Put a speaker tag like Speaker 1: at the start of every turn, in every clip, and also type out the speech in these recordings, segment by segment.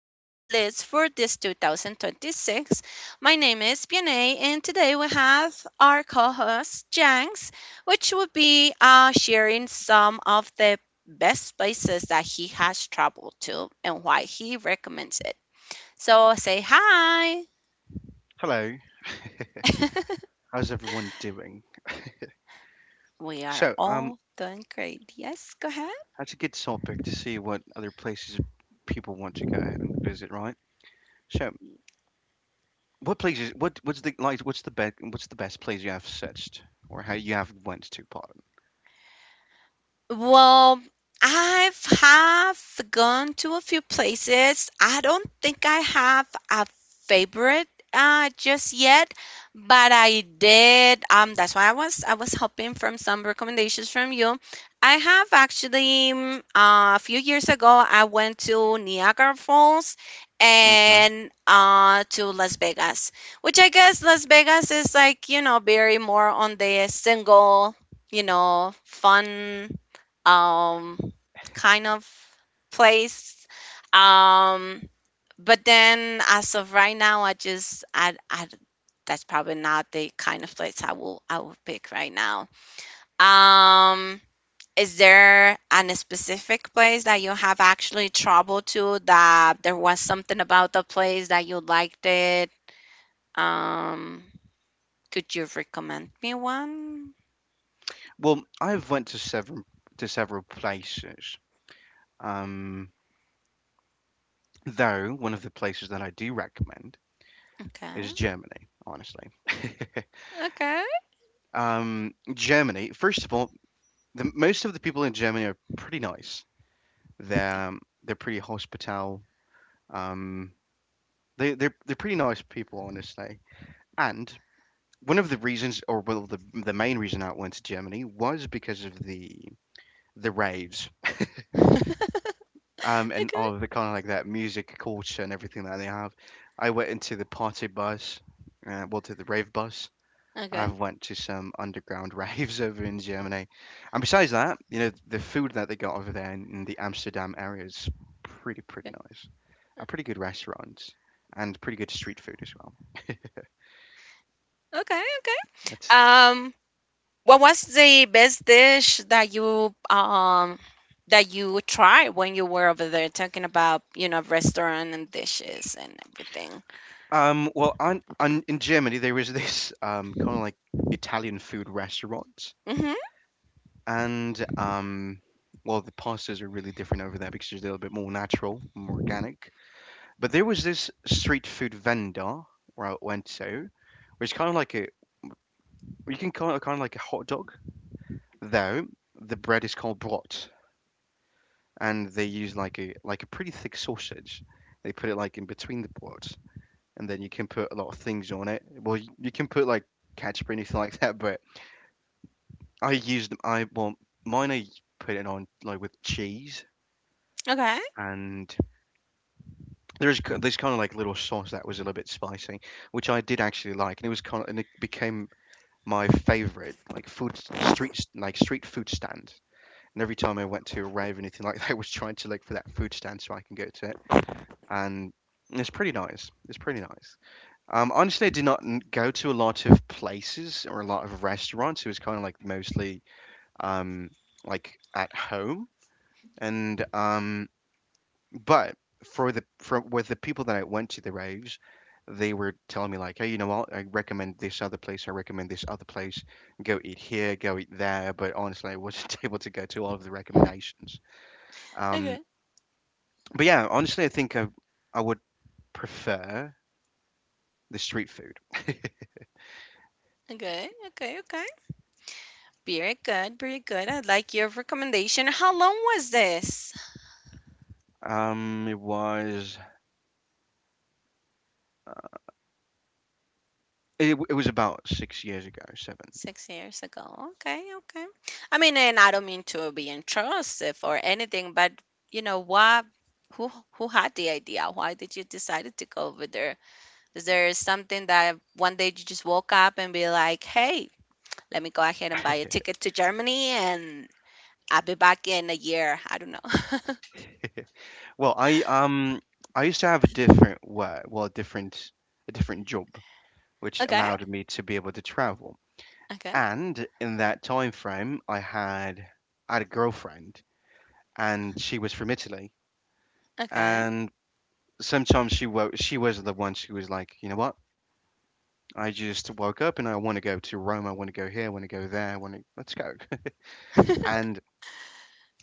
Speaker 1: bucket list for this 2026. My name is Bianay, and today we have our co host Janks, which will be sharing some of the best places that he has traveled to and why he recommends it. So say hi.
Speaker 2: Hello, how's everyone doing?
Speaker 1: We are
Speaker 2: So,
Speaker 1: all doing great. Yes, go ahead.
Speaker 2: that's a good topic to see what other places people want to go ahead and visit, right? So, what places? What's the like? What's the best place you have searched, or how you have went to? Pardon.
Speaker 1: Well, I've have gone to a few places. I don't think I have a favorite just yet, but I did. That's why I was hoping from some recommendations from you. I have actually a few years ago I went to Niagara Falls
Speaker 2: Okay.
Speaker 1: and to Las Vegas, which I guess Las Vegas is like, very more on the single, fun um, kind of place. Um, but then as of right now, I just I that's probably not the kind of place I will pick right now. Um, is there an specific place that you have actually trouble to that there was something about the place that you liked it? Um, could you recommend me one?
Speaker 2: Well, I've went to several places. Um, though one of the places that I do recommend is
Speaker 1: Okay.
Speaker 2: Germany. Honestly,
Speaker 1: Okay.
Speaker 2: Germany. First of all, the most of the people in Germany are pretty nice. They're
Speaker 1: Okay.
Speaker 2: um, they're pretty hospitable. Um, they're pretty nice people, honestly. And one of the reasons, or well, the main reason I went to Germany was because of the raves. And
Speaker 1: Okay.
Speaker 2: all of the kind of like that music culture and everything that they have. I went into the party bus, well, to the rave bus.
Speaker 1: Okay.
Speaker 2: I've went to some underground raves over in Germany, and besides that, you know, the food that they got over there in the Amsterdam area is pretty pretty nice. A pretty good restaurants and pretty good street food as well.
Speaker 1: Okay, okay.
Speaker 2: That's
Speaker 1: Um, what was the best dish that you tried when you were over there talking about, you know, restaurant and dishes and everything?
Speaker 2: well, on in Germany there was this kind of like Italian food restaurant.
Speaker 1: Mm-hmm.
Speaker 2: And well, the pastas are really different over there because they're a little bit more natural, more organic. But there was this street food vendor where I went to, which kind of like a you can call it kind of like a hot dog, though the bread is called blot, and they use like a pretty thick sausage. They put it like in between the blot, and then you can put a lot of things on it. Well, you can put like ketchup or anything like that, but I use them. I well, mine I put it on like with cheese.
Speaker 1: Okay,
Speaker 2: And there's this kind of like little sauce that was a little bit spicy, which I did actually like, and it was kind of, and it became my favorite like food street like street food stand. And every time I went to a rave or anything like that, I was trying to look for that food stand so I can go to it. And it's pretty nice. It's pretty nice. Honestly, I did not go to a lot of places or a lot of restaurants. It was kind of like mostly um, like at home. And but for with the people that I went to the raves, they were telling me like, hey, you know what? I recommend this other place. I recommend this other place. Go eat here. Go eat there. But honestly, I wasn't able to go to all of the recommendations. Um,
Speaker 1: okay,
Speaker 2: But yeah, honestly, I think I would prefer the street food.
Speaker 1: okay, okay, okay. Very good, very good. I like your recommendation. How long was this?
Speaker 2: It was it was about 6 years ago, seven.
Speaker 1: 6 years ago. Okay, okay. I mean, and I don't mean to be intrusive or anything, but you know what? Who had the idea? Why did you decide to go over there? Is there something that one day you just woke up and be like, hey, let me go ahead and buy a ticket to Germany and I'll be back in a year? I don't know.
Speaker 2: Well, I used to have a different work, well, a different job, which
Speaker 1: Okay,
Speaker 2: allowed me to be able to travel.
Speaker 1: okay,
Speaker 2: And in that time frame, I had a girlfriend, and she was from Italy.
Speaker 1: okay,
Speaker 2: And sometimes she was the one who was like, you know what? I just woke up and I want to go to Rome. I want to go here. I want to go there. I want to let's go. And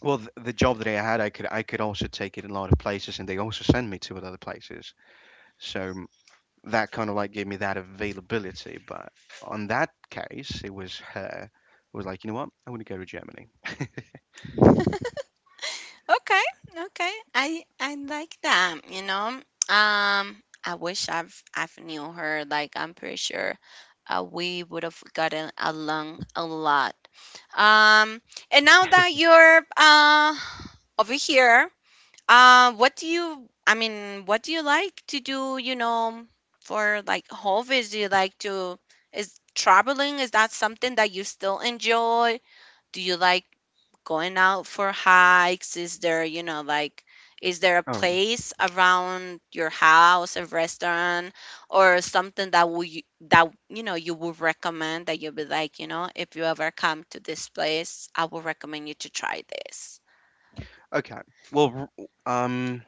Speaker 2: well, the job that I had, I could also take it in a lot of places, and they also send me to other places. So that kind of like gave me that availability. But on that case, it was her. It was like you know what? I want to go to Germany.
Speaker 1: okay, okay. I like that. I wish I've knew her. Like I'm pretty sure we would have gotten along a lot. Um, and now that you're over here. What do you, I mean, what do you like to do, for like hobbies? Do you like to, is traveling, is that something that you still enjoy? Do you like going out for hikes? Is there a
Speaker 2: Oh,
Speaker 1: place around your house, a restaurant, or something that will you, that, you know, you would recommend that you'd be like, if you ever come to this place, I would recommend you to try this.
Speaker 2: okay. Well, um,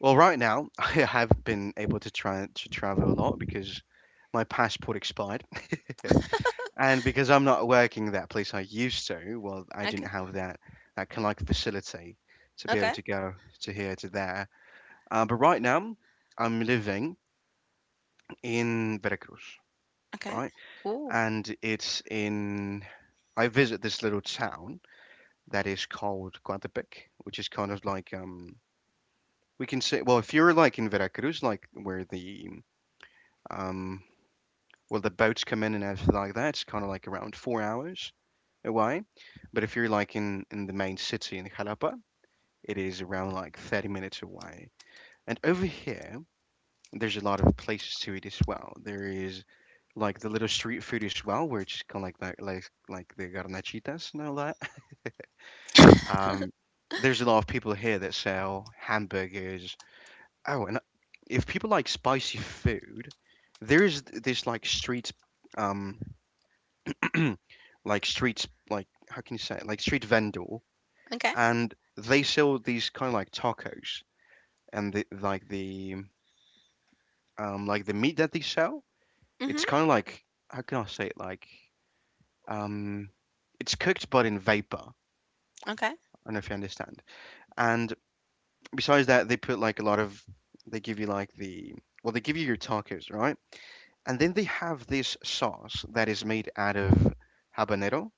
Speaker 2: well, right now I have been able to try to travel a lot because my passport expired. And because I'm not working at that place I used to, well, I didn't
Speaker 1: Okay.
Speaker 2: have that kind of like facility to be able
Speaker 1: Okay.
Speaker 2: to go to here to there. But right now, I'm living in Veracruz,
Speaker 1: Okay.
Speaker 2: right?
Speaker 1: Ooh.
Speaker 2: And it's in. I visit this little town that is called Coatepec, which is kind of like we can say well if you're like in Veracruz, like where the um well, the boats come in and everything like that. It's kind of like around 4 hours away. But if you're like in the main city in Jalapa, it is around like 30 minutes away. And over here, there's a lot of places to eat as well. There is like the little street food as well, which kind of like that, like the garnachitas and all that. Um, there's a lot of people here that sell hamburgers. Oh, and if people like spicy food, there is this like street um like streets like how can you say it? Like street vendor.
Speaker 1: Okay.
Speaker 2: And they sell these kind of like tacos, and the like the like the meat that they sell,
Speaker 1: Mhm.
Speaker 2: it's kind of like how can I say it, like um it's cooked but in vapor. I
Speaker 1: Okay.
Speaker 2: don't know if you understand. And besides that, they put like a lot of, they give you like the, well, they give you your tacos, right? And then they have this sauce that is made out of habanero,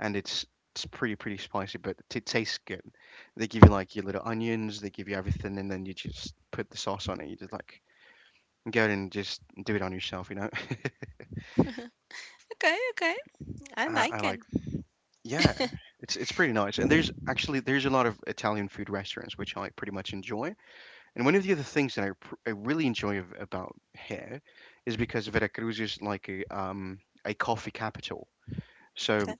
Speaker 2: and it's pretty pretty spicy, but it tastes good. They give you like your little onions, they give you everything, and then you just put the sauce on it. You just like go in and just do it on yourself, you know.
Speaker 1: Okay. Okay. I
Speaker 2: I
Speaker 1: like it.
Speaker 2: like. Yeah, it's pretty nice. And there's actually there's a lot of Italian food restaurants which I pretty much enjoy. And one of the other things that I really enjoy of, about here is because Veracruz is like a coffee capital. So
Speaker 1: Okay.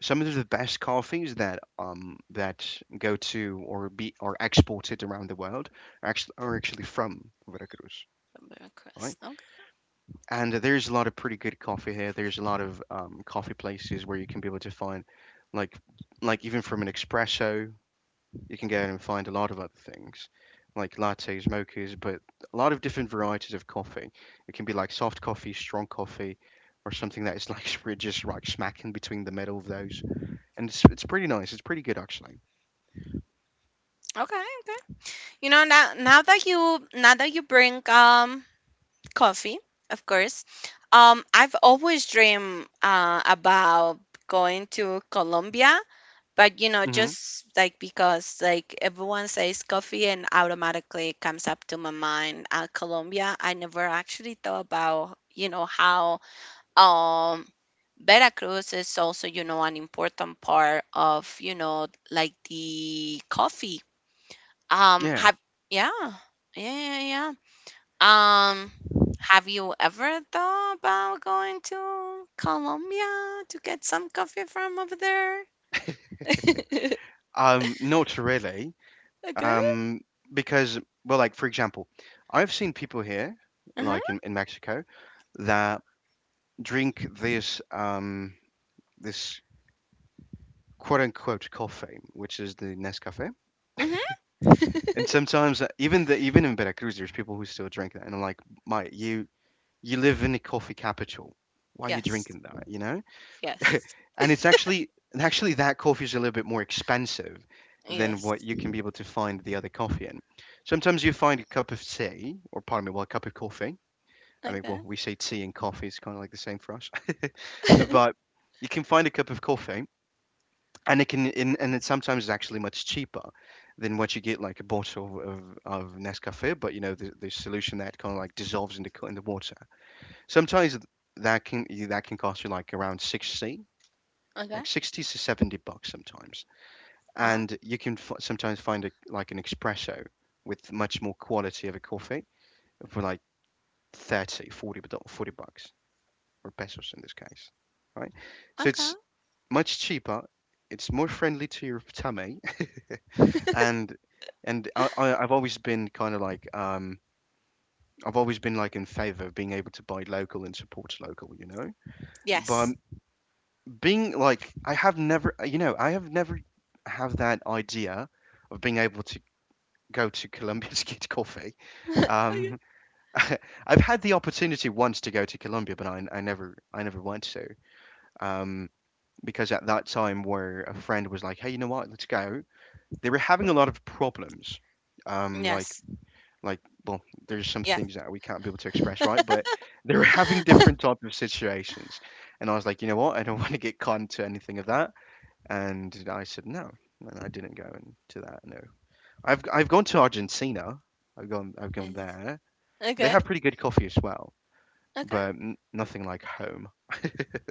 Speaker 2: some of the best coffees that that go to or be are exported around the world are actually from Veracruz,
Speaker 1: Bermuda
Speaker 2: right?
Speaker 1: crust. Okay.
Speaker 2: And there's a lot of pretty good coffee here. There's a lot of coffee places where you can be able to find like like even from an espresso, you can go and find a lot of other things like lattes, mochas, but a lot of different varieties of coffee. It can be like soft coffee, strong coffee, or something that is like we're just right smack in between the middle of those, and it's pretty nice. It's pretty good actually.
Speaker 1: Okay. Okay. You know now now that you bring coffee, of course. I've always dreamed about going to Colombia, but
Speaker 2: Mm-hmm.
Speaker 1: just like because like everyone says coffee and automatically comes up to my mind Colombia. I never actually thought about how um Veracruz is also, you know, an important part of, you know, like the coffee.
Speaker 2: Yeah.
Speaker 1: Have Yeah, yeah, yeah, yeah. Have you ever thought about going to Colombia to get some coffee from over there?
Speaker 2: Not really.
Speaker 1: Okay.
Speaker 2: Um, because well, like for example, I've seen people here,
Speaker 1: Uh huh.
Speaker 2: like in Mexico, that drink this quote unquote coffee, which is the Nescafe.
Speaker 1: Mhm.
Speaker 2: And sometimes even the even in Veracruz, there's people who still drink that, and I'm like, mate, you live in a coffee capital. Why are you
Speaker 1: Yes.
Speaker 2: drinking that? You know?
Speaker 1: Yes.
Speaker 2: And actually that coffee is a little bit more expensive than what
Speaker 1: Yes.
Speaker 2: you can be able to find the other coffee in. Sometimes you find a cup of tea, or pardon me, well, a cup of coffee. I mean,
Speaker 1: Okay.
Speaker 2: well, we say tea and coffee, it's kind of like the same for us. But you can find a cup of coffee, and it sometimes is actually much cheaper than what you get like a bottle of Nescafe. But you know, the solution that kind of like dissolves in the water. Sometimes that can cost you like around 60,
Speaker 1: Okay.
Speaker 2: like 60 to 70 bucks sometimes.
Speaker 1: Wow.
Speaker 2: And you can sometimes find a, like an espresso with much more quality of a coffee for like 30, 40, 40 bucks or pesos in this case, right? So
Speaker 1: Okay.
Speaker 2: it's much cheaper. It's more friendly to your tummy, and I've always been kind of like I've always been like in favor of being able to buy local and support local, you know. But
Speaker 1: Yes.
Speaker 2: being like I have never have that idea of being able to go to Colombia to get coffee.
Speaker 1: Okay.
Speaker 2: Um, I've had the opportunity once to go to Colombia, but I never went to um, because at that time where a friend was like, hey, you know what, let's go. They were having a lot of problems, um, like
Speaker 1: Yes.
Speaker 2: like well, there's some
Speaker 1: Yes.
Speaker 2: things that we can't be able to express, right? But they were having different type of situations, and I was like, you know what, I don't want to get caught into anything of that. And I said no, and I didn't go into that. No, I've gone to Argentina. I've gone
Speaker 1: Yes.
Speaker 2: there. They
Speaker 1: Okay.
Speaker 2: have pretty good coffee as well,
Speaker 1: Okay.
Speaker 2: but nothing like home.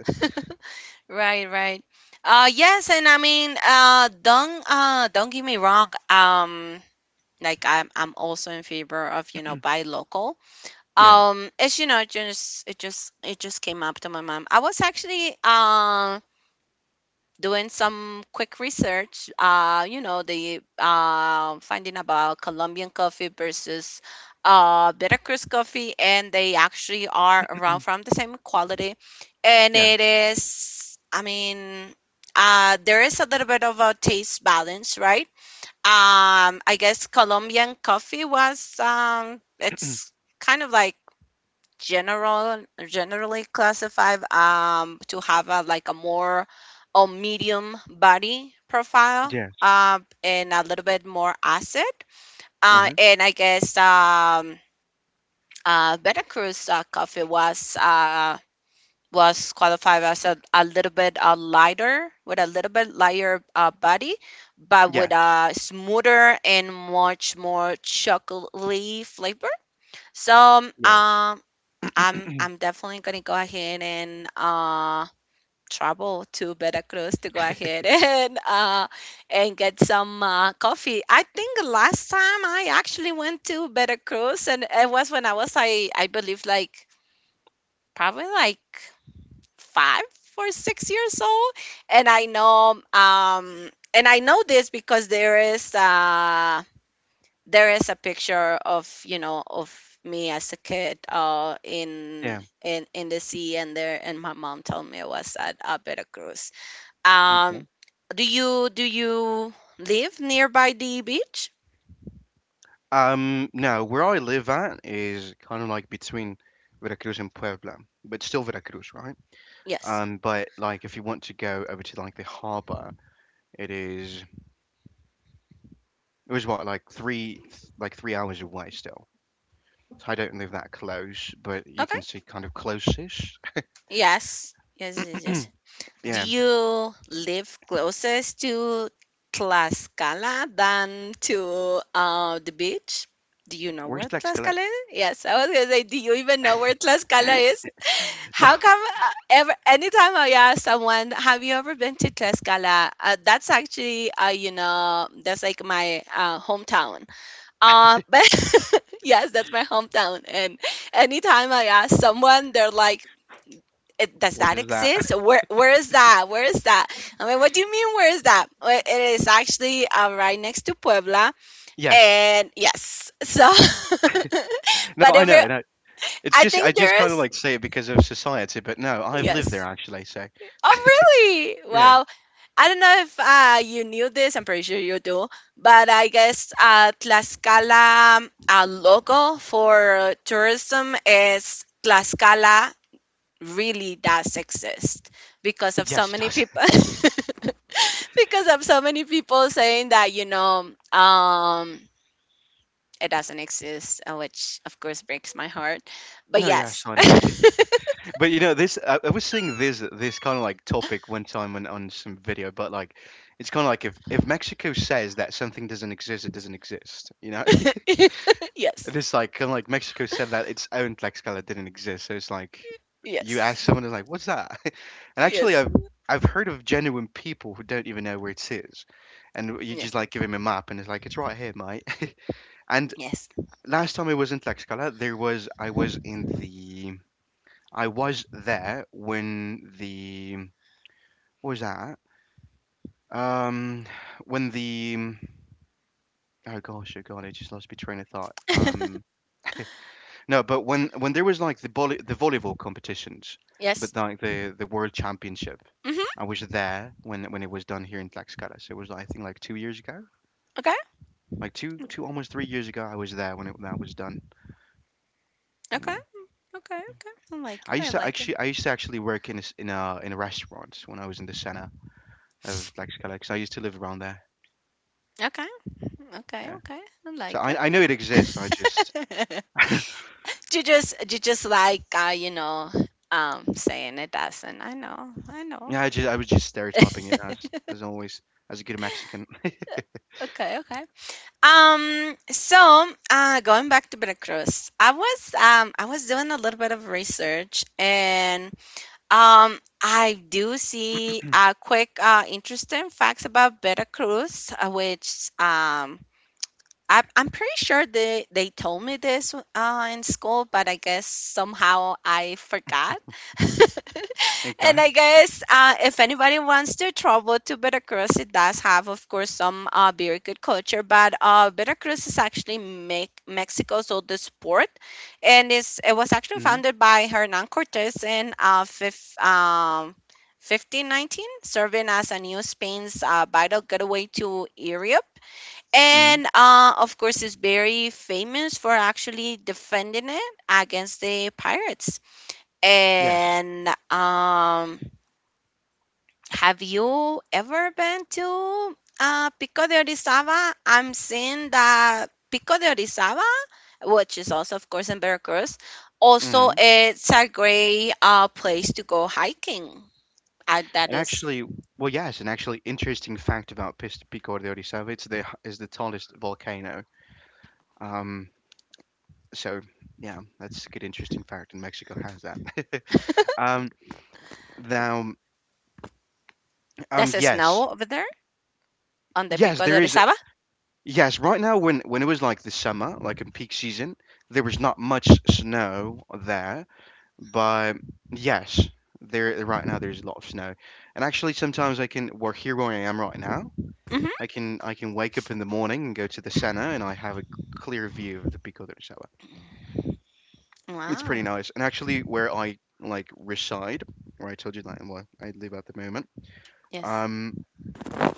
Speaker 1: Right, right. Yes, and I mean don't get me wrong. Like I'm also in favor of, buy local.
Speaker 2: Yeah,
Speaker 1: It's it just came up to my mom. I was actually doing some quick research, you know, the finding about Colombian coffee versus Veracruz coffee, and they actually are around from the same quality. And
Speaker 2: yeah,
Speaker 1: it is, I mean, there is a little bit of a taste balance, right? I guess Colombian coffee was, it's kind of like general generally classified to have a like a more a medium body profile
Speaker 2: yes,
Speaker 1: and a little bit more acid
Speaker 2: hmm
Speaker 1: and I guess Veracruz coffee was qualified as a little bit lighter with a little bit lighter body, but with
Speaker 2: yes,
Speaker 1: a smoother and much more chocolatey flavor. So
Speaker 2: yes,
Speaker 1: I'm definitely gonna go ahead and travel to Veracruz to go ahead and get some coffee. I think last time I actually went to Veracruz and it was when I was I believe like probably like 5 or 6 years old. And I know this because there is there is a picture of me as a kid in
Speaker 2: yeah.
Speaker 1: in the sea, and there, and my mom told me it was at Veracruz.
Speaker 2: Okay.
Speaker 1: Um do you live nearby the beach?
Speaker 2: Now where I live at is kind of like between Veracruz and Puebla, but still Veracruz, right?
Speaker 1: Yes.
Speaker 2: But like if you want to go over to like the harbor, it is it was what like 3 hours away still. So I don't live that close, but you
Speaker 1: Okay.
Speaker 2: can see kind of close-ish.
Speaker 1: Yes. Yes, yes, yes. Do
Speaker 2: yeah,
Speaker 1: you live closest to Tlaxcala than to the beach? Do you know
Speaker 2: where's
Speaker 1: where
Speaker 2: Lex Gillette?
Speaker 1: Tlaxcala is? Yes, I was gonna say, do you even know where Tlaxcala is?
Speaker 2: No,
Speaker 1: How come ever anytime I ask someone, have you ever been to Tlaxcala? That's actually, that's like my hometown. But yes, that's my hometown. And anytime I ask someone, they're like, does
Speaker 2: what
Speaker 1: that
Speaker 2: is that?
Speaker 1: exist? Where is that? Where is that? I mean, what do you mean? Where is that? Well, it is actually right next to Puebla,
Speaker 2: yes.
Speaker 1: and yes, so
Speaker 2: No,
Speaker 1: but
Speaker 2: I
Speaker 1: every
Speaker 2: know. No, it's
Speaker 1: I
Speaker 2: just I
Speaker 1: think
Speaker 2: just
Speaker 1: there
Speaker 2: kind of
Speaker 1: is.
Speaker 2: like say it because of society, but no, I've lived there
Speaker 1: Yes.
Speaker 2: actually. So
Speaker 1: Oh really?
Speaker 2: yeah.
Speaker 1: Wow. I don't know if you knew this. I'm pretty sure you do, but I guess Tlaxcala logo for tourism is Tlaxcala really does exist because of so
Speaker 2: Yes, it
Speaker 1: many
Speaker 2: does.
Speaker 1: people because of so many people saying that it doesn't exist, which of course breaks my heart but
Speaker 2: No, yes,
Speaker 1: yes.
Speaker 2: I know. But you know, this I was seeing this kind of like topic one time on some video, but like it's kind of like if Mexico says that something doesn't exist, it doesn't exist, you know? It
Speaker 1: Yes,
Speaker 2: is like kind of like Mexico said that its own Tlaxcala didn't exist. So it's like you
Speaker 1: yes,
Speaker 2: ask someone, it's like, "What's that?" And actually,
Speaker 1: yes,
Speaker 2: I've heard of genuine people who don't even know where it is, and you just
Speaker 1: yes,
Speaker 2: like give him a map, and it's like it's right here, mate. And
Speaker 1: yes.
Speaker 2: last time I was in Tlaxcala, there was I was in the I was there when the what was that? Um, when the oh gosh, oh god, I just lost my train of thought. No, but when there was like the volleyball competitions, but
Speaker 1: Yes.
Speaker 2: like the world championship,
Speaker 1: Mhm.
Speaker 2: I was there when it was done here in Tlaxcala. So it was I think like 2 years ago,
Speaker 1: Okay,
Speaker 2: like two
Speaker 1: okay,
Speaker 2: two almost 3 years ago. I was there when it that was done.
Speaker 1: okay,
Speaker 2: Yeah,
Speaker 1: okay, okay. I like it. I like it.
Speaker 2: I used to actually work in a, in a restaurant when I was in the center of Tlaxcala because I used to live around there.
Speaker 1: Okay, okay,
Speaker 2: Yeah,
Speaker 1: okay. I
Speaker 2: so
Speaker 1: like it.
Speaker 2: I know it exists. I just
Speaker 1: You just like saying it doesn't. I know, I know.
Speaker 2: yeah I was just stereotyping it as always as a good Mexican.
Speaker 1: Okay, okay. So going back to Veracruz, I was doing a little bit of research, and um I do see quick interesting facts about Veracruz, which I'm pretty sure they told me this in school, but I guess somehow I forgot. And
Speaker 2: okay.
Speaker 1: I guess if anybody wants to travel to Veracruz, it does have, of course, some very good culture. But Veracruz is actually make Mexico's oldest port, and it was actually
Speaker 2: hmm
Speaker 1: founded by Hernan Cortes in 1519, serving as a new Spain's vital gateway to Europe
Speaker 2: hmm
Speaker 1: and of course is very famous for actually defending it against the pirates
Speaker 2: Yes.
Speaker 1: and have you ever been to Pico de Orizaba? I'm seeing that Pico de Orizaba, which is also of course in Veracruz, also
Speaker 2: hmm
Speaker 1: it's a great place to go hiking. uh, that
Speaker 2: And
Speaker 1: is
Speaker 2: actually, well, yes, an actually interesting fact about Pico de Orizaba, it's the is the tallest volcano. Um, so yeah, that's a good interesting fact, and Mexico has that. um, now,
Speaker 1: that's a
Speaker 2: yes,
Speaker 1: snow over there on the
Speaker 2: yes,
Speaker 1: Pico de
Speaker 2: there is.
Speaker 1: Orizaba.
Speaker 2: Yes, right now when it was like the summer, like in peak season, there was not much snow there, but yes, there right now there's a lot of snow. And actually, sometimes I can, well, here where I am right now,
Speaker 1: Hmm.
Speaker 2: I can wake up in the morning and go to the center and I have a clear view of the Pico del Saba. It's
Speaker 1: Wow.
Speaker 2: pretty nice. And actually, where I like reside, where I told you that well, I live at the moment,
Speaker 1: Yes.
Speaker 2: um,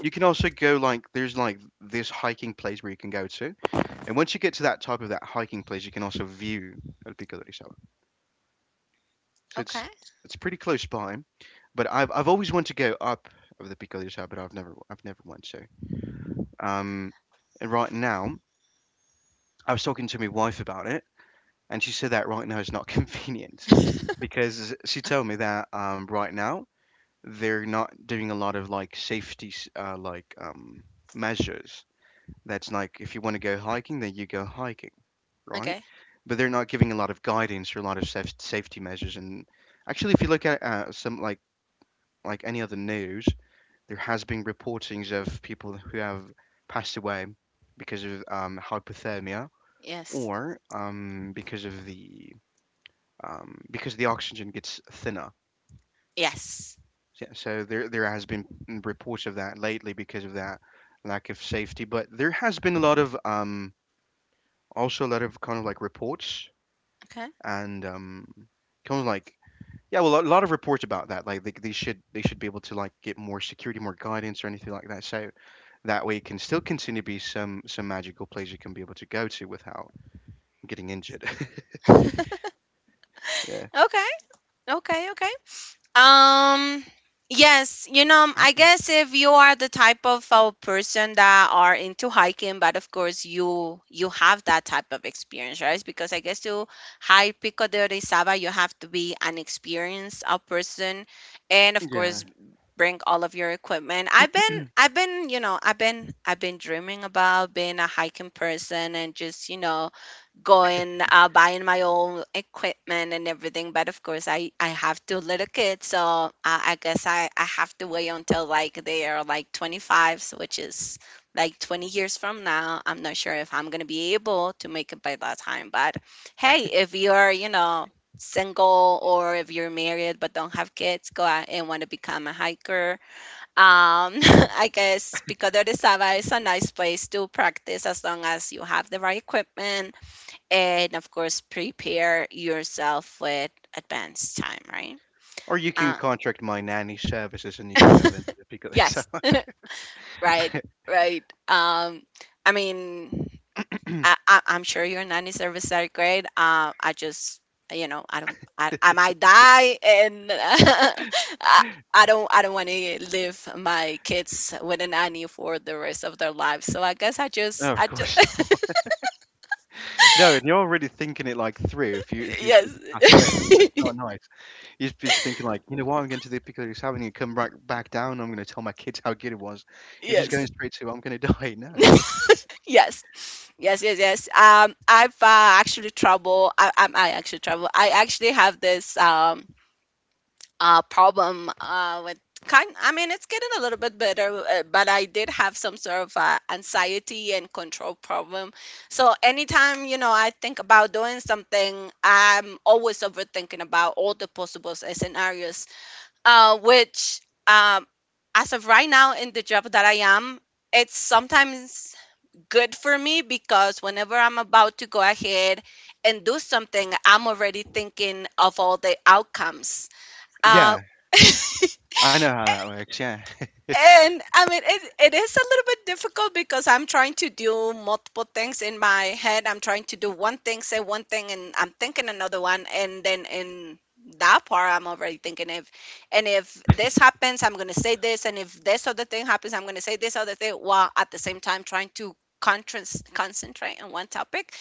Speaker 2: you can also go like there's like this hiking place where you can go to, and once you get to that type of that hiking place, you can also view El Pico del Saba. So
Speaker 1: Okay.
Speaker 2: it's pretty close by, but I've always wanted to go up of the Pico del Saba, but I've never went to. Um, and right now, I was talking to my wife about it. And she said that right now is not convenient because she told me that right now they're not doing a lot of like measures. That's like if you want to go hiking, then you go hiking, right?
Speaker 1: Okay.
Speaker 2: But they're not giving a lot of guidance or a lot of safety measures. And actually, if you look at some like any other news, there has been reportings of people who have passed away because of hypothermia
Speaker 1: Yes.
Speaker 2: or because the oxygen gets thinner.
Speaker 1: Yes.
Speaker 2: So there has been reports of that lately because of that lack of safety. But there has been a lot of also a lot of kind of like reports
Speaker 1: Okay.
Speaker 2: and kind of like yeah, well, a lot of reports about that. Like they should be able to like get more security, more guidance, or anything like that. So that way, it can still continue to be some magical place you can be able to go to without getting injured. yeah.
Speaker 1: Okay. Okay. Okay. Um. Yes, you know, I guess if you are the type of person that are into hiking, but of course you have that type of experience, right? Because I guess to hike Pico de Orizaba, you have to be an experienced person, and of
Speaker 2: Yeah.
Speaker 1: course bring all of your equipment. I've been dreaming about being a hiking person and just go and buying my own equipment and everything. But of course, I have two little kids, so I guess I have to wait until like they are like 25, so which is like 20 years from now. I'm not sure if I'm gonna be able to make it by that time. But hey, if you're single or if you're married but don't have kids, go out and want to become a hiker. Um, I guess Pico de Orizaba is a nice place to practice as long as you have the right equipment and of course prepare yourself with advanced time, right?
Speaker 2: Or you can
Speaker 1: uh,
Speaker 2: contract my nanny services and you can go then to the pick up this.
Speaker 1: yes. Right, right. I mean, I, I'm sure your nanny service are great, I just I don't, I might die, and I don't want to leave my kids with a nanny for the rest of their lives, so I guess
Speaker 2: No, of
Speaker 1: I just
Speaker 2: course not. No, and you're already thinking it like through if you if you're to pass away.
Speaker 1: Yes.
Speaker 2: That's not nice. You're just thinking like, you know what, I'm going to the Piccadilly's Avenue and come back back down, I'm gonna tell my kids how good it was. And just going
Speaker 1: Yes,
Speaker 2: straight to I'm gonna die. No.
Speaker 1: Yes, yes, yes, yes. I've actually trouble. I actually trouble. I actually have this problem with kind. I mean, it's getting a little bit better, but I did have some sort of anxiety and control problem. So anytime you know I think about doing something, I'm always overthinking about all the possible scenarios. Which um as of right now in the job that I am, it's sometimes good for me because whenever I'm about to go ahead and do something, I'm already thinking of all the outcomes. Uh,
Speaker 2: Yeah. I know how that works, yeah.
Speaker 1: and I mean, it is a little bit difficult because I'm trying to do multiple things in my head. I'm trying to do one thing, say one thing, and I'm thinking another one. And then in that part, I'm already thinking if, and if this happens, I'm going to say this. And if this other thing happens, I'm going to say this other thing while at the same time trying to concentrate on one topic.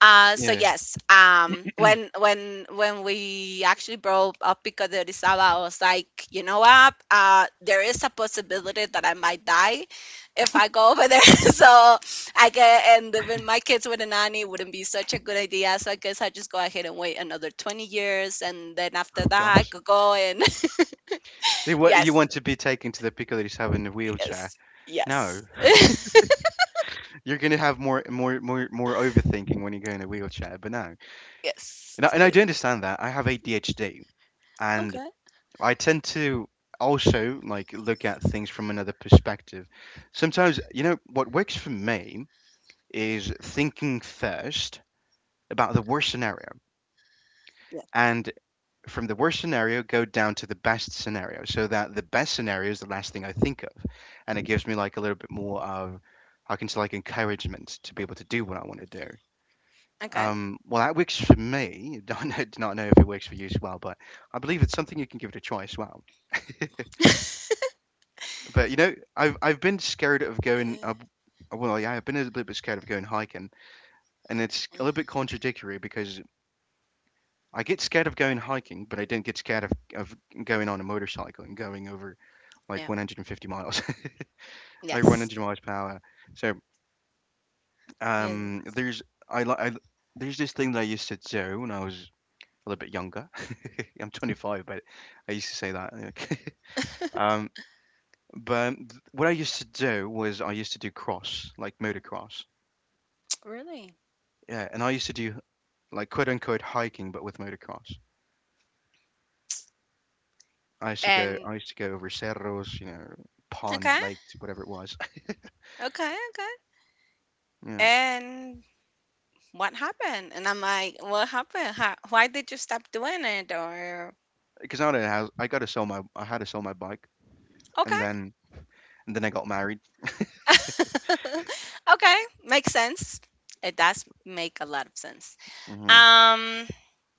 Speaker 1: So
Speaker 2: Yeah.
Speaker 1: yes, when we actually brought up Pico de Orizaba, I was like, you know what? There is a possibility that I might die if I go over there. So I get and living my kids with a nanny wouldn't be such a good idea. So I guess I just go ahead and wait another 20 years, and then after
Speaker 2: Oh
Speaker 1: that I
Speaker 2: gosh.
Speaker 1: could go and
Speaker 2: You
Speaker 1: yes,
Speaker 2: want to be taken to the Piccadilly's Avenue in a wheelchair.
Speaker 1: yes, yes,
Speaker 2: No. You're gonna have more overthinking when you go in a wheelchair, but no.
Speaker 1: yes,
Speaker 2: And I do
Speaker 1: yes.
Speaker 2: understand that. I have ADHD, and
Speaker 1: Okay.
Speaker 2: I tend to also like look at things from another perspective. Sometimes, you know, what works for me is thinking first about the worst scenario,
Speaker 1: Yeah.
Speaker 2: and from the worst scenario go down to the best scenario, so that the best scenario is the last thing I think of, and it gives me like a little bit more of, I can say like encouragement to be able to do what I want to do.
Speaker 1: Okay.
Speaker 2: Well, that works for me. Don't know, do not know if it works for you as well, but I believe it's something you can give it a try as well. But you know, I've been scared of going.
Speaker 1: Uh,
Speaker 2: Yeah, I've been a little bit scared of going hiking, and it's a
Speaker 1: uh,
Speaker 2: little bit contradictory because I get scared of going hiking, but I don't get scared of going on a motorcycle and going over like
Speaker 1: yeah.
Speaker 2: 150 miles, like
Speaker 1: Yes.
Speaker 2: 100 miles per hour. So um,
Speaker 1: Yes.
Speaker 2: there's I, li- I there's this thing that I used to do when I was a little bit younger. I'm 25, but I used to say that. um, but what I used to do was I used to do cross, like motocross.
Speaker 1: Really.
Speaker 2: Yeah, and I used to do like quote unquote hiking, but with motocross.
Speaker 1: And
Speaker 2: I used to go over cerros, you know, ponds,
Speaker 1: okay.
Speaker 2: lakes, whatever it was.
Speaker 1: Okay. Okay.
Speaker 2: yeah,
Speaker 1: And what happened? And I'm like, what happened? How, why did you stop doing it? Or,
Speaker 2: because I don't know how I got to I had to sell my bike, and
Speaker 1: okay.
Speaker 2: then I got married.
Speaker 1: Okay. Makes sense. It does make a lot of sense.
Speaker 2: Hmm
Speaker 1: Um,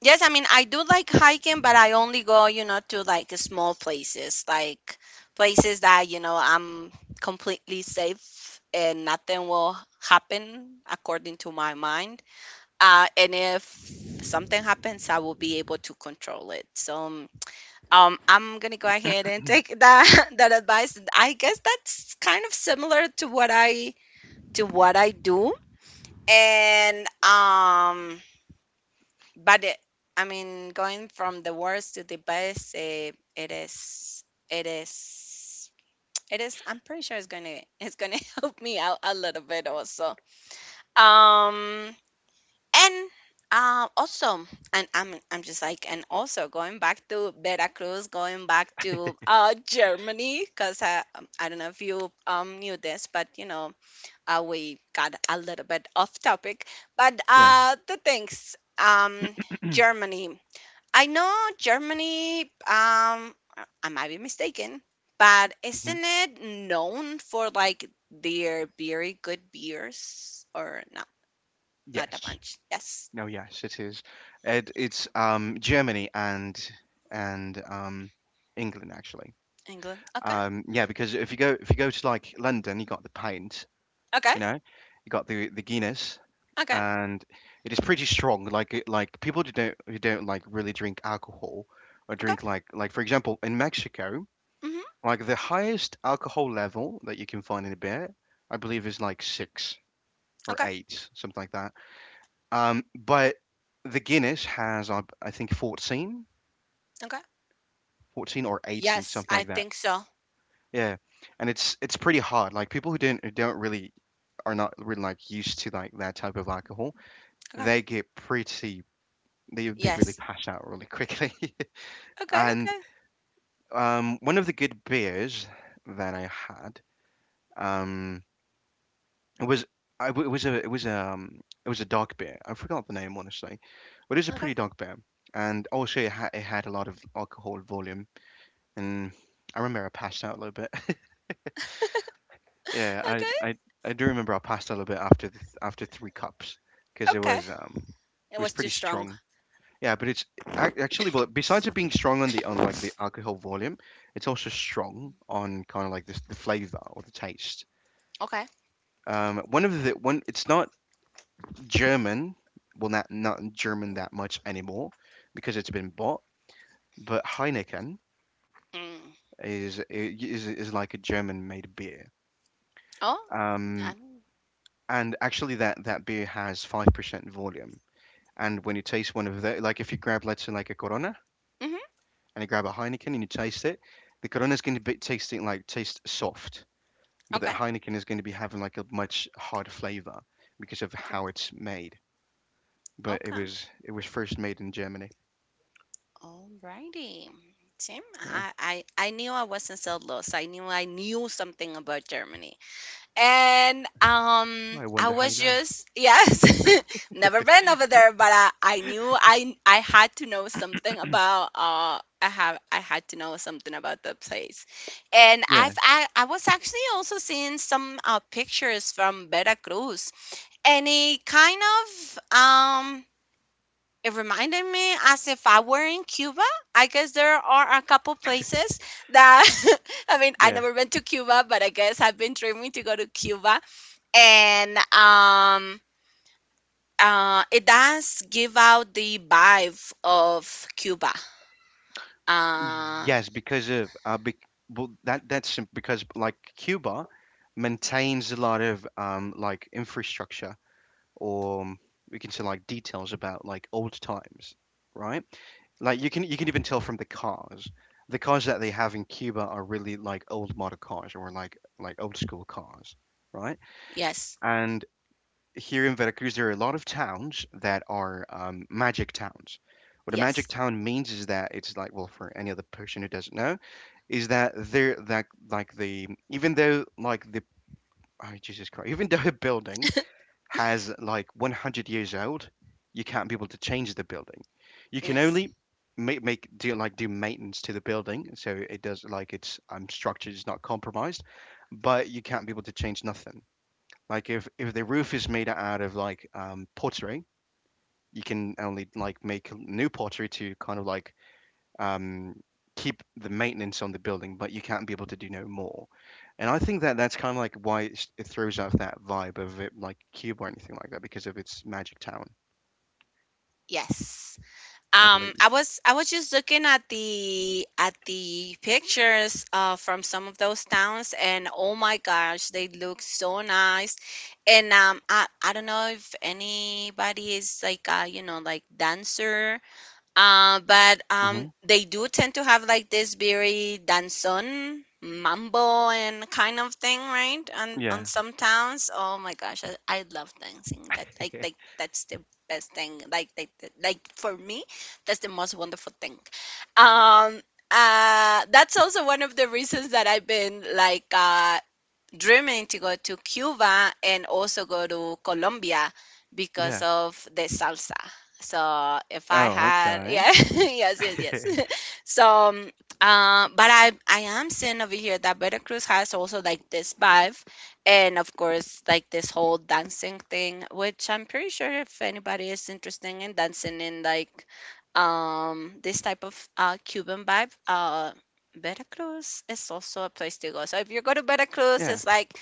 Speaker 1: yes, I mean, I do like hiking, but I only go, you know, to like small places, like places that, you know, I'm completely safe and nothing will happen according to my mind. And if something happens, I will be able to control it. So I'm gonna go ahead and take that that advice. I guess that's kind of similar to what I do, and um, but it, I mean, going from the worst to the best, eh, it is. It is. I'm pretty sure it's gonna help me out a little bit also. Um, And also, and I'm just like, and also going back to Veracruz, going back to Germany, because I don't know if you knew this, but you know, we got a little bit off topic. But
Speaker 2: Yeah.
Speaker 1: uh, the things, um, Germany. I know Germany. I might be mistaken, but
Speaker 2: hmm
Speaker 1: isn't it known for like their very good beers or not? Not that
Speaker 2: Yes.
Speaker 1: much. Yes.
Speaker 2: No, yes, it is. It's Germany and and um, England actually.
Speaker 1: England. Okay.
Speaker 2: Yeah, because if you go to like London, you got the pint,
Speaker 1: Okay.
Speaker 2: you know, you got the Guinness,
Speaker 1: Okay.
Speaker 2: and it is pretty strong. Like people who don't like really drink alcohol or
Speaker 1: Okay.
Speaker 2: drink like for example in Mexico,
Speaker 1: Mhm.
Speaker 2: like the highest alcohol level that you can find in a beer, I believe is like six or
Speaker 1: Okay.
Speaker 2: eight, something like that. But the Guinness has, I think, 14,
Speaker 1: Okay.
Speaker 2: 14 or 18,
Speaker 1: Yes,
Speaker 2: something
Speaker 1: I
Speaker 2: like that.
Speaker 1: think so.
Speaker 2: Yeah, and it's pretty hard. Like people who don't really are not really like used to like that type of alcohol,
Speaker 1: Okay.
Speaker 2: they get pretty they really
Speaker 1: Yes.
Speaker 2: pass out really quickly.
Speaker 1: Okay.
Speaker 2: And
Speaker 1: Okay.
Speaker 2: one of the good beers that I had um it was I w it was a it was a it was a dark beer. I forgot the name honestly, but it was a
Speaker 1: Okay.
Speaker 2: pretty dark beer, and also it had a lot of alcohol volume, and I remember I passed out a little bit. Yeah, I, I
Speaker 1: Okay.
Speaker 2: I do remember I passed out a little bit after th after three cups because
Speaker 1: Okay. It
Speaker 2: it was
Speaker 1: was too
Speaker 2: pretty
Speaker 1: strong.
Speaker 2: strong. Yeah, but it's actually well besides it being strong on the on like the alcohol volume, it's also strong on kind of like the flavor or the taste.
Speaker 1: Okay.
Speaker 2: One of the one it's not German, well not German that much anymore because it's been bought, but Heineken
Speaker 1: Mm.
Speaker 2: is like a German made beer.
Speaker 1: Oh.
Speaker 2: Um,
Speaker 1: I'm,
Speaker 2: and actually that beer has 5% volume. And when you taste one of the, like if you grab, let's say, like a corona
Speaker 1: do mhm.
Speaker 2: and you grab a heineken and you taste it, the corona is going to be tasting like taste soft, but the
Speaker 1: Okay.
Speaker 2: heineken is going to be having like a much harder flavor because of
Speaker 1: Okay.
Speaker 2: how it's made. But it
Speaker 1: Okay.
Speaker 2: was, it was first made in germany.
Speaker 1: Alrighty. Tim,
Speaker 2: Yeah,
Speaker 1: I knew I wasn't so lost. I knew something about Germany. And
Speaker 2: I
Speaker 1: I
Speaker 2: wonder how
Speaker 1: was
Speaker 2: you know.
Speaker 1: just yes, never been over there, but I knew I had to know something about I had to know something about the place. And
Speaker 2: Yeah,
Speaker 1: I was actually also seeing some pictures from Veracruz, and it kind of it reminded me as if I were in Cuba. I guess there are a couple places that I mean, I
Speaker 2: yeah,
Speaker 1: never went to Cuba, but I guess I've been dreaming to go to Cuba and it does give out the vibe of Cuba. Uh,
Speaker 2: yes, because of be, well that's sim- because like cuba maintains a lot of like infrastructure or we can say like details about like old times, right? Like you can even tell from the cars. The cars that they have in Cuba are really like old model cars or like old school cars, right?
Speaker 1: yes,
Speaker 2: And here in Veracruz there are a lot of towns that are, magic towns. What a magic
Speaker 1: yes,
Speaker 2: town means is that it's like, well, for any other person who doesn't know, is that they're that like the, even though like the, oh, Jesus Christ, even though a building has like 100 years old, you can't be able to change the building. You can
Speaker 1: yes,
Speaker 2: only make do like do maintenance to the building, so it does like its, structure is not compromised, but you can't be able to change nothing. Like if the roof is made out of like, pottery, you can only like make new pottery to kind of like, um, keep the maintenance on the building, but you can't be able to do no more. And I think that that's kind of like why it's, it throws off that vibe of it, like Cube or anything like that, because of its Magic Town.
Speaker 1: yes.
Speaker 2: I believe.
Speaker 1: I was just looking at the pictures from some of those towns, and oh my gosh, they look so nice. And I don't know if anybody is like you know like dancer. But
Speaker 2: Hmm.
Speaker 1: they do tend to have like this very danzon, mambo, and kind of thing, right? On
Speaker 2: Yeah,
Speaker 1: some towns. Oh my gosh, I love dancing. That that's the best thing. For me, that's the most wonderful thing. Um, that's also one of the reasons that I've been like dreaming to go to Cuba and also go to Colombia because
Speaker 2: yeah.
Speaker 1: of the salsa. So if I
Speaker 2: Oh,
Speaker 1: had,
Speaker 2: okay.
Speaker 1: yeah, yes, yes, yes. So, um, but I am seeing over here that Veracruz has also like this vibe, and of course like this whole dancing thing, which I'm pretty sure if anybody is interested in dancing in like this type of Cuban vibe, Veracruz is also a place to go. So if you go to Veracruz,
Speaker 2: Yeah,
Speaker 1: it's like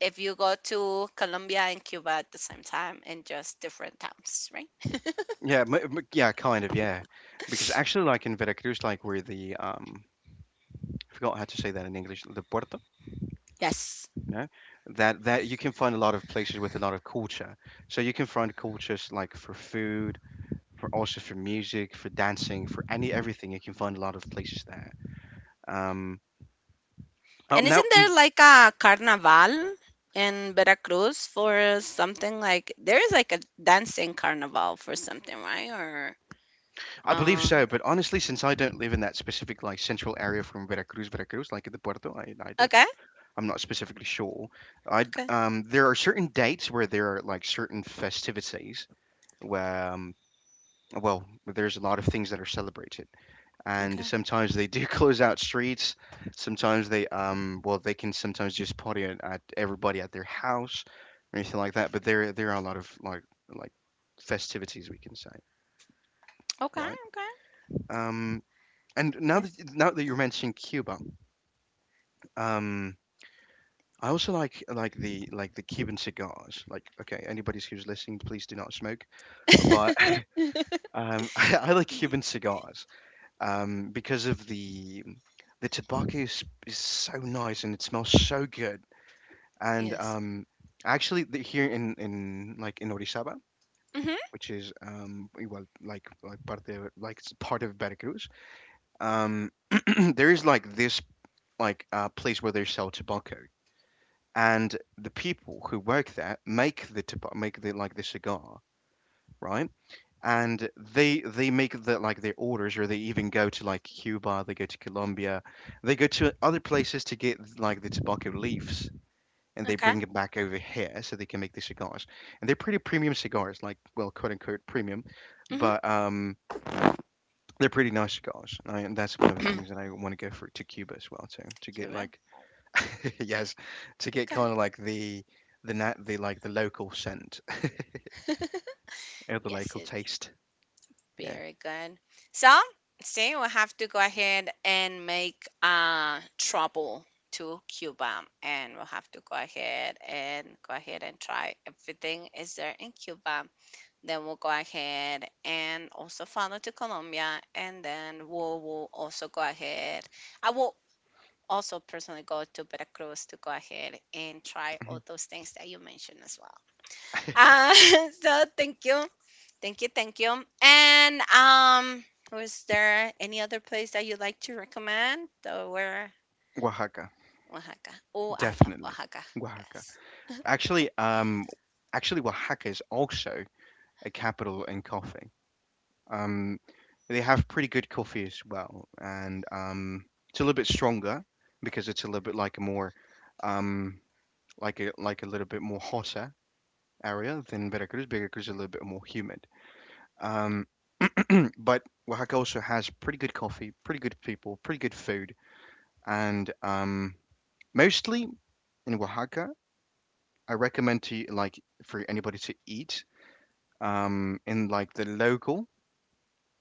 Speaker 1: if you go to Colombia and Cuba at the same time in just different towns, right?
Speaker 2: yeah, m m- yeah, kind of, yeah. Because actually, like in Veracruz, like where the, I forgot how to say that in English, the puerto,
Speaker 1: Yes.
Speaker 2: you know, that you can find a lot of places with a lot of culture. So you can find cultures like for food, for also for music, for dancing, for any everything. You can find a lot of places there. Um, oh,
Speaker 1: And
Speaker 2: now
Speaker 1: isn't there like a carnival in Veracruz for something, like there is like a dancing carnival for something, right? Or
Speaker 2: I believe
Speaker 1: uh
Speaker 2: so, but honestly, since I don't live in that specific like central area from Veracruz, Veracruz, like the Puerto, I
Speaker 1: okay,
Speaker 2: don't. I'm not specifically sure. I,
Speaker 1: okay,
Speaker 2: there are certain dates where there are like certain festivities where, well, there's a lot of things that are celebrated. And
Speaker 1: okay.
Speaker 2: sometimes they do close out streets. Sometimes they well they can sometimes just party at everybody at their house or anything like that. But there are a lot of like festivities, we can say,
Speaker 1: Okay,
Speaker 2: right?
Speaker 1: okay.
Speaker 2: Um and now that
Speaker 1: Yes.
Speaker 2: now that you're mentioning Cuba, um I also like the Cuban cigars. Like okay, anybody who's listening, please do not smoke. But I like
Speaker 1: Ye-
Speaker 2: Cuban cigars. Because of the tobacco is so nice and it smells so good. And
Speaker 1: Yes.
Speaker 2: actually, the, here in like in Orizaba,
Speaker 1: Mhm.
Speaker 2: which is, well, like part of like it's part of Veracruz, um, there is like this like place where they sell tobacco, and the people who work there make the tobacco, make the like the cigar, right? And they make the like their orders, or they even go to like Cuba, they go to Colombia, they go to other places to get like the tobacco leaves, and they
Speaker 1: Okay.
Speaker 2: bring it back over here so they can make the cigars. And they're pretty premium cigars, like well, quote unquote premium,
Speaker 1: Mhm.
Speaker 2: but they're pretty nice cigars. And I- and that's one of the things that I want to go for to Cuba as well too, to get
Speaker 1: Cuba.
Speaker 2: like yes, to get
Speaker 1: Okay.
Speaker 2: kind of like the nat the like the local scent, or the
Speaker 1: Yes,
Speaker 2: local
Speaker 1: yes.
Speaker 2: taste. Yeah.
Speaker 1: Very good. So, see, we have to go ahead and make trouble to Cuba, and we'll have to go ahead and try everything is there in Cuba. Then we'll go ahead and also follow to Colombia, and then we'll also go ahead. I will also personally go to Veracruz to go ahead and try all those things that you mentioned as well. Uh, so thank you. Thank you, thank you. And was there any other place that you'd like to recommend? So where
Speaker 2: Oaxaca.
Speaker 1: Oaxaca. Oh, I love
Speaker 2: Definitely,
Speaker 1: Oaxaca.
Speaker 2: Oaxaca.
Speaker 1: Yes.
Speaker 2: Actually, actually, Oaxaca is also a capital in coffee. Um, they have pretty good coffee as well, and it's a little bit stronger because it's a little bit like a more, um, like a little bit more hotter area than Veracruz. Veracruz is a little bit more humid. Um, but Oaxaca also has pretty good coffee, pretty good people, pretty good food, and mostly in Oaxaca I recommend to like for anybody to eat in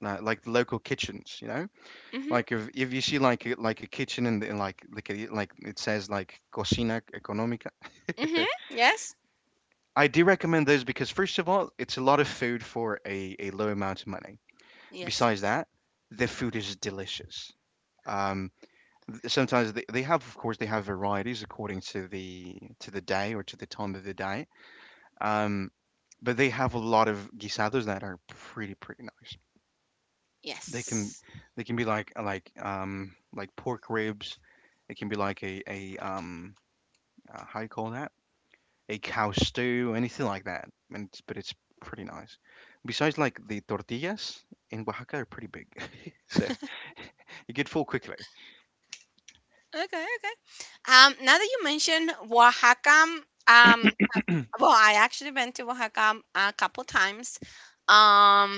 Speaker 2: like the local kitchens, you know,
Speaker 1: Mhm.
Speaker 2: like if you see like a kitchen and in like a- like it says like cocina económica,
Speaker 1: Mhm. Yes.
Speaker 2: I do recommend those because first of all, it's a lot of food for a low amount of money.
Speaker 1: Yes.
Speaker 2: Besides that, the food is delicious. Um, sometimes they have, of course, they have varieties according to the day or to the time of the day. Um, but they have a lot of guisados that are pretty pretty nice. They can
Speaker 1: Yes.
Speaker 2: they can be like pork ribs. It can be like a how you call that, a cow stew, anything like that. And it's, but it's pretty nice. Besides, like the tortillas in Oaxaca are pretty big, so you get full quickly.
Speaker 1: Okay, okay. Now that you mentioned Oaxaca, um well, I actually been to Oaxaca a couple times. Um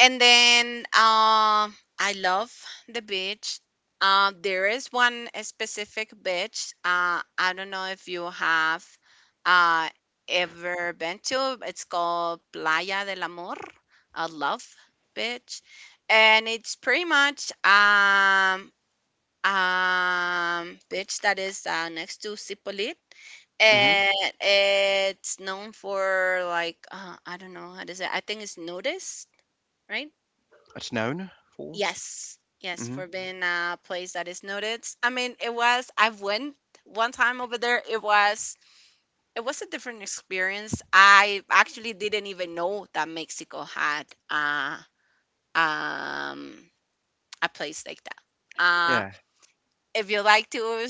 Speaker 1: And then I love the beach. There is one specific beach. I don't know if you have uh, ever been to. It's called Playa del Amor, a love beach, and it's pretty much beach that is next to Cipollit.
Speaker 2: Hmm.
Speaker 1: And it's known for like I don't know how to say. I think it's nudist, right?
Speaker 2: It's known for.
Speaker 1: Yes, yes,
Speaker 2: Hmm.
Speaker 1: for being a place that is noted. I mean, it was I went one time over there. It was a different experience. I actually didn't even know that Mexico had um a place like that. Uh,
Speaker 2: Yeah.
Speaker 1: if you like to,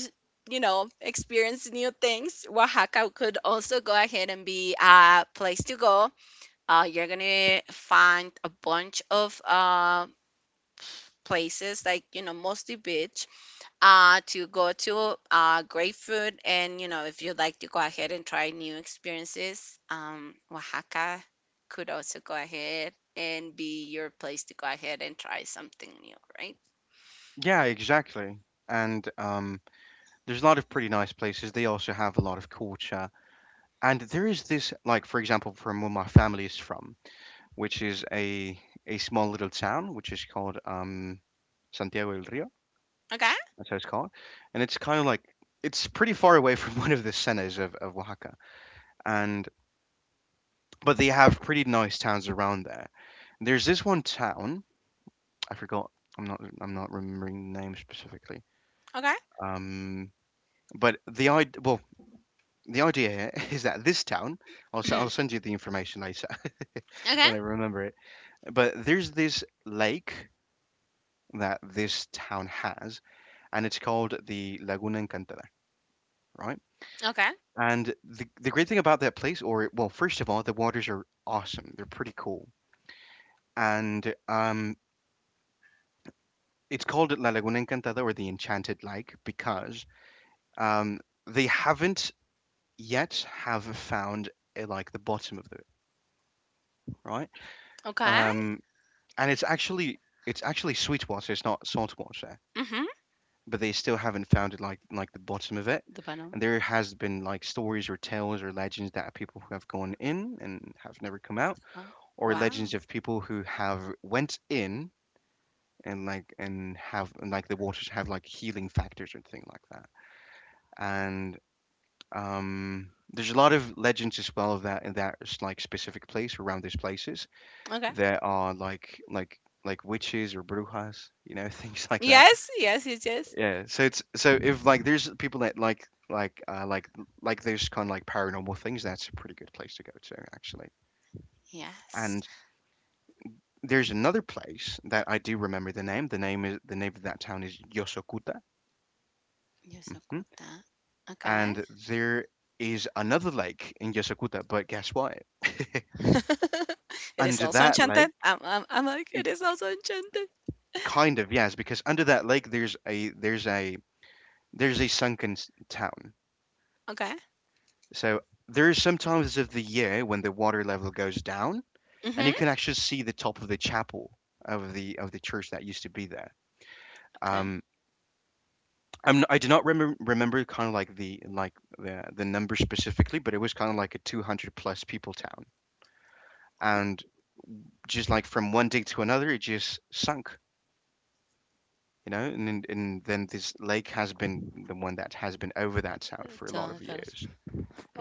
Speaker 1: you know, experience new things, Oaxaca could also go ahead and be a place to go. You're gonna find a bunch of places like you know mostly beach to go to great food, and you know if you'd like to go ahead and try new experiences, Oaxaca could also go ahead and be your place to go ahead and try something new, right?
Speaker 2: Yeah, exactly. And there's a lot of pretty nice places. They also have a lot of culture. And there is this, like for example, from where my family is from, which is a small little town, which is called, Santiago del Rio.
Speaker 1: Okay,
Speaker 2: That's how it's called, and it's kind of like, it's pretty far away from one of the cenas of Oaxaca, and but they have pretty nice towns around there. There's this one town, I forgot. I'm not remembering the name specifically.
Speaker 1: okay.
Speaker 2: Um, but the idea, well, the idea here is that this town. I'll, s- I'll send you the information later
Speaker 1: Okay,
Speaker 2: when I remember it. But there's this lake that this town has, and it's called the Laguna Encantada, right?
Speaker 1: okay,
Speaker 2: And the great thing about that place, or well, first of all, the waters are awesome. They're pretty cool. And it's called La Laguna Encantada or the Enchanted Lake because, um, they haven't yet have found, like the bottom of the, right.
Speaker 1: okay.
Speaker 2: Um, and it's actually, it's actually sweet water. It's not salt water.
Speaker 1: Mhm.
Speaker 2: But they still haven't found it like the bottom of it.
Speaker 1: Dubanom.
Speaker 2: And there has been like stories or tales or legends that are people who have gone in and have never come out,
Speaker 1: Oh,
Speaker 2: or legends
Speaker 1: wow,
Speaker 2: of people who have went in and like and have and, like the waters have like healing factors or thing like that. And there's a lot of legends as well of that in that like specific place around these places.
Speaker 1: okay,
Speaker 2: There are like witches or brujas, you know, things like that.
Speaker 1: yes, yes, yes, yes,
Speaker 2: Yeah, so it's, so if like there's people that like those kind of like paranormal things, that's a pretty good place to go to actually.
Speaker 1: yes.
Speaker 2: And there's another place that I do remember the name. The name is, the name of that town is Yosokuta. Hmm.
Speaker 1: Yosakota, okay.
Speaker 2: And there is another lake in Yosokuta, but guess what?
Speaker 1: It is
Speaker 2: Under
Speaker 1: also
Speaker 2: that
Speaker 1: enchanted.
Speaker 2: lake,
Speaker 1: I'm like it
Speaker 2: it
Speaker 1: is also enchanted.
Speaker 2: kind of yes, because under that lake there's a there's a there's a sunken s- town.
Speaker 1: Okay,
Speaker 2: So there are some times of the year when the water level goes down and you
Speaker 1: mhm,
Speaker 2: can actually see the top of the chapel of the church that used to be there.
Speaker 1: okay.
Speaker 2: Um, I'm, I do not remember kind of like the number specifically, but it was kind of like a 200 plus people town, and just like from one day to another, it just sunk, you know. And then this lake has been the one that has been over that town for a lot of
Speaker 1: Italian fast
Speaker 2: years.
Speaker 1: food.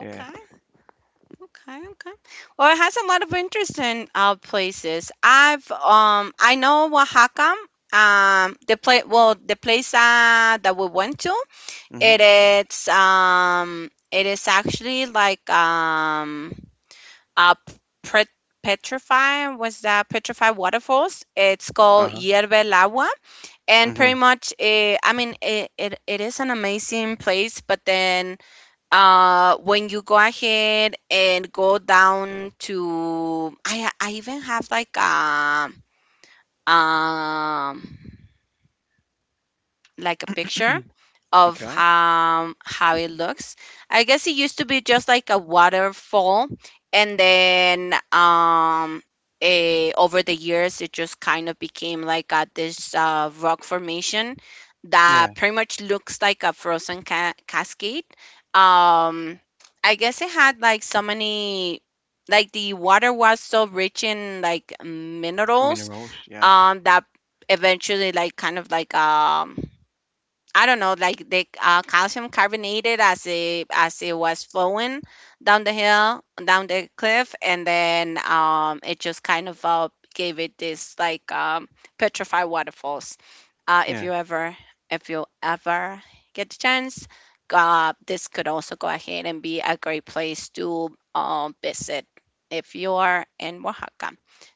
Speaker 2: Yeah.
Speaker 1: okay, okay. Well, it has a lot of interesting places. I've I know Oaxaca. The place, well the place that we went to, it
Speaker 2: Mhm.
Speaker 1: it is actually like a pet petrified, was that petrified waterfalls, it's called
Speaker 2: Uh huh.
Speaker 1: hierve el agua, and pretty
Speaker 2: Mhm.
Speaker 1: much it. I mean, it is an amazing place, but then when you go ahead and go down to I even have um like a picture of
Speaker 2: Okay.
Speaker 1: how it looks. I guess it used to be just like a waterfall, and then over the years it just kind of became like a, this rock formation that
Speaker 2: Yeah.
Speaker 1: pretty much looks like a frozen cascade. Um, I guess it had like so many. Like the water was so rich in like minerals,
Speaker 2: Minerals. Yes.
Speaker 1: that eventually I don't know, like the calcium carbonated as it was flowing down the hill, down the cliff, and then it just kind of gave it this like petrified waterfalls. Uh, if
Speaker 2: Yeah.
Speaker 1: you ever, if you ever get the chance, this could also go ahead and be a great place to visit if you are in Oaxaca.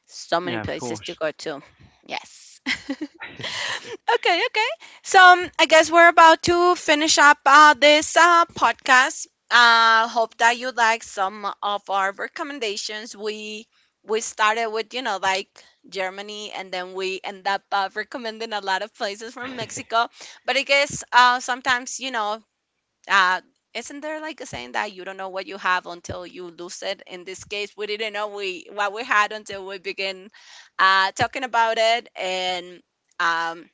Speaker 1: So many
Speaker 2: Yeah. Of
Speaker 1: places to
Speaker 2: course.
Speaker 1: go to. Yes. Okay, okay. So I guess we're about to finish up this podcast. Hope that you like some of our recommendations. We started with you know like Germany, and then we end up recommending a lot of places from Mexico. But I guess sometimes you know. Uh, isn't there like a saying that you don't know what you have until you lose it? In this case, we didn't know we what we had until we begin talking about it, and um,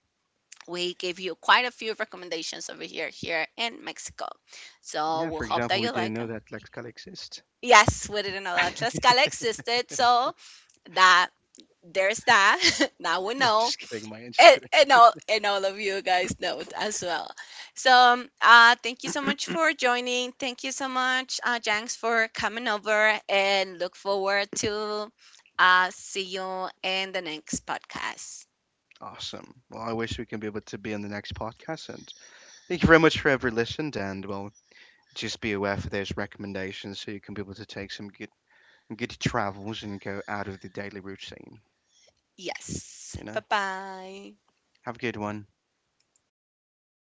Speaker 1: we gave you quite a few recommendations over here, here in Mexico. So
Speaker 2: Yeah.
Speaker 1: we'll
Speaker 2: For
Speaker 1: hope
Speaker 2: example,
Speaker 1: that
Speaker 2: we
Speaker 1: you
Speaker 2: didn't
Speaker 1: like.
Speaker 2: know
Speaker 1: Uh,
Speaker 2: that Lexcal exists.
Speaker 1: yes, we didn't know that Tlaxcala existed, so that there's that. Now we know,
Speaker 2: Just kidding, Maya. Just kidding.
Speaker 1: and all of you guys know it as well. So thank you so much for joining. Thank you so much, Janks, for coming over, and look forward to see you in the next podcast.
Speaker 2: Awesome. Well, I wish we can be able to be on the next podcast. And thank you very much for ever listened. And well, just be aware for those recommendations so you can be able to take some good good travels and go out of the daily routine.
Speaker 1: Yes,
Speaker 2: You know,
Speaker 1: bye bye.
Speaker 2: have a good one.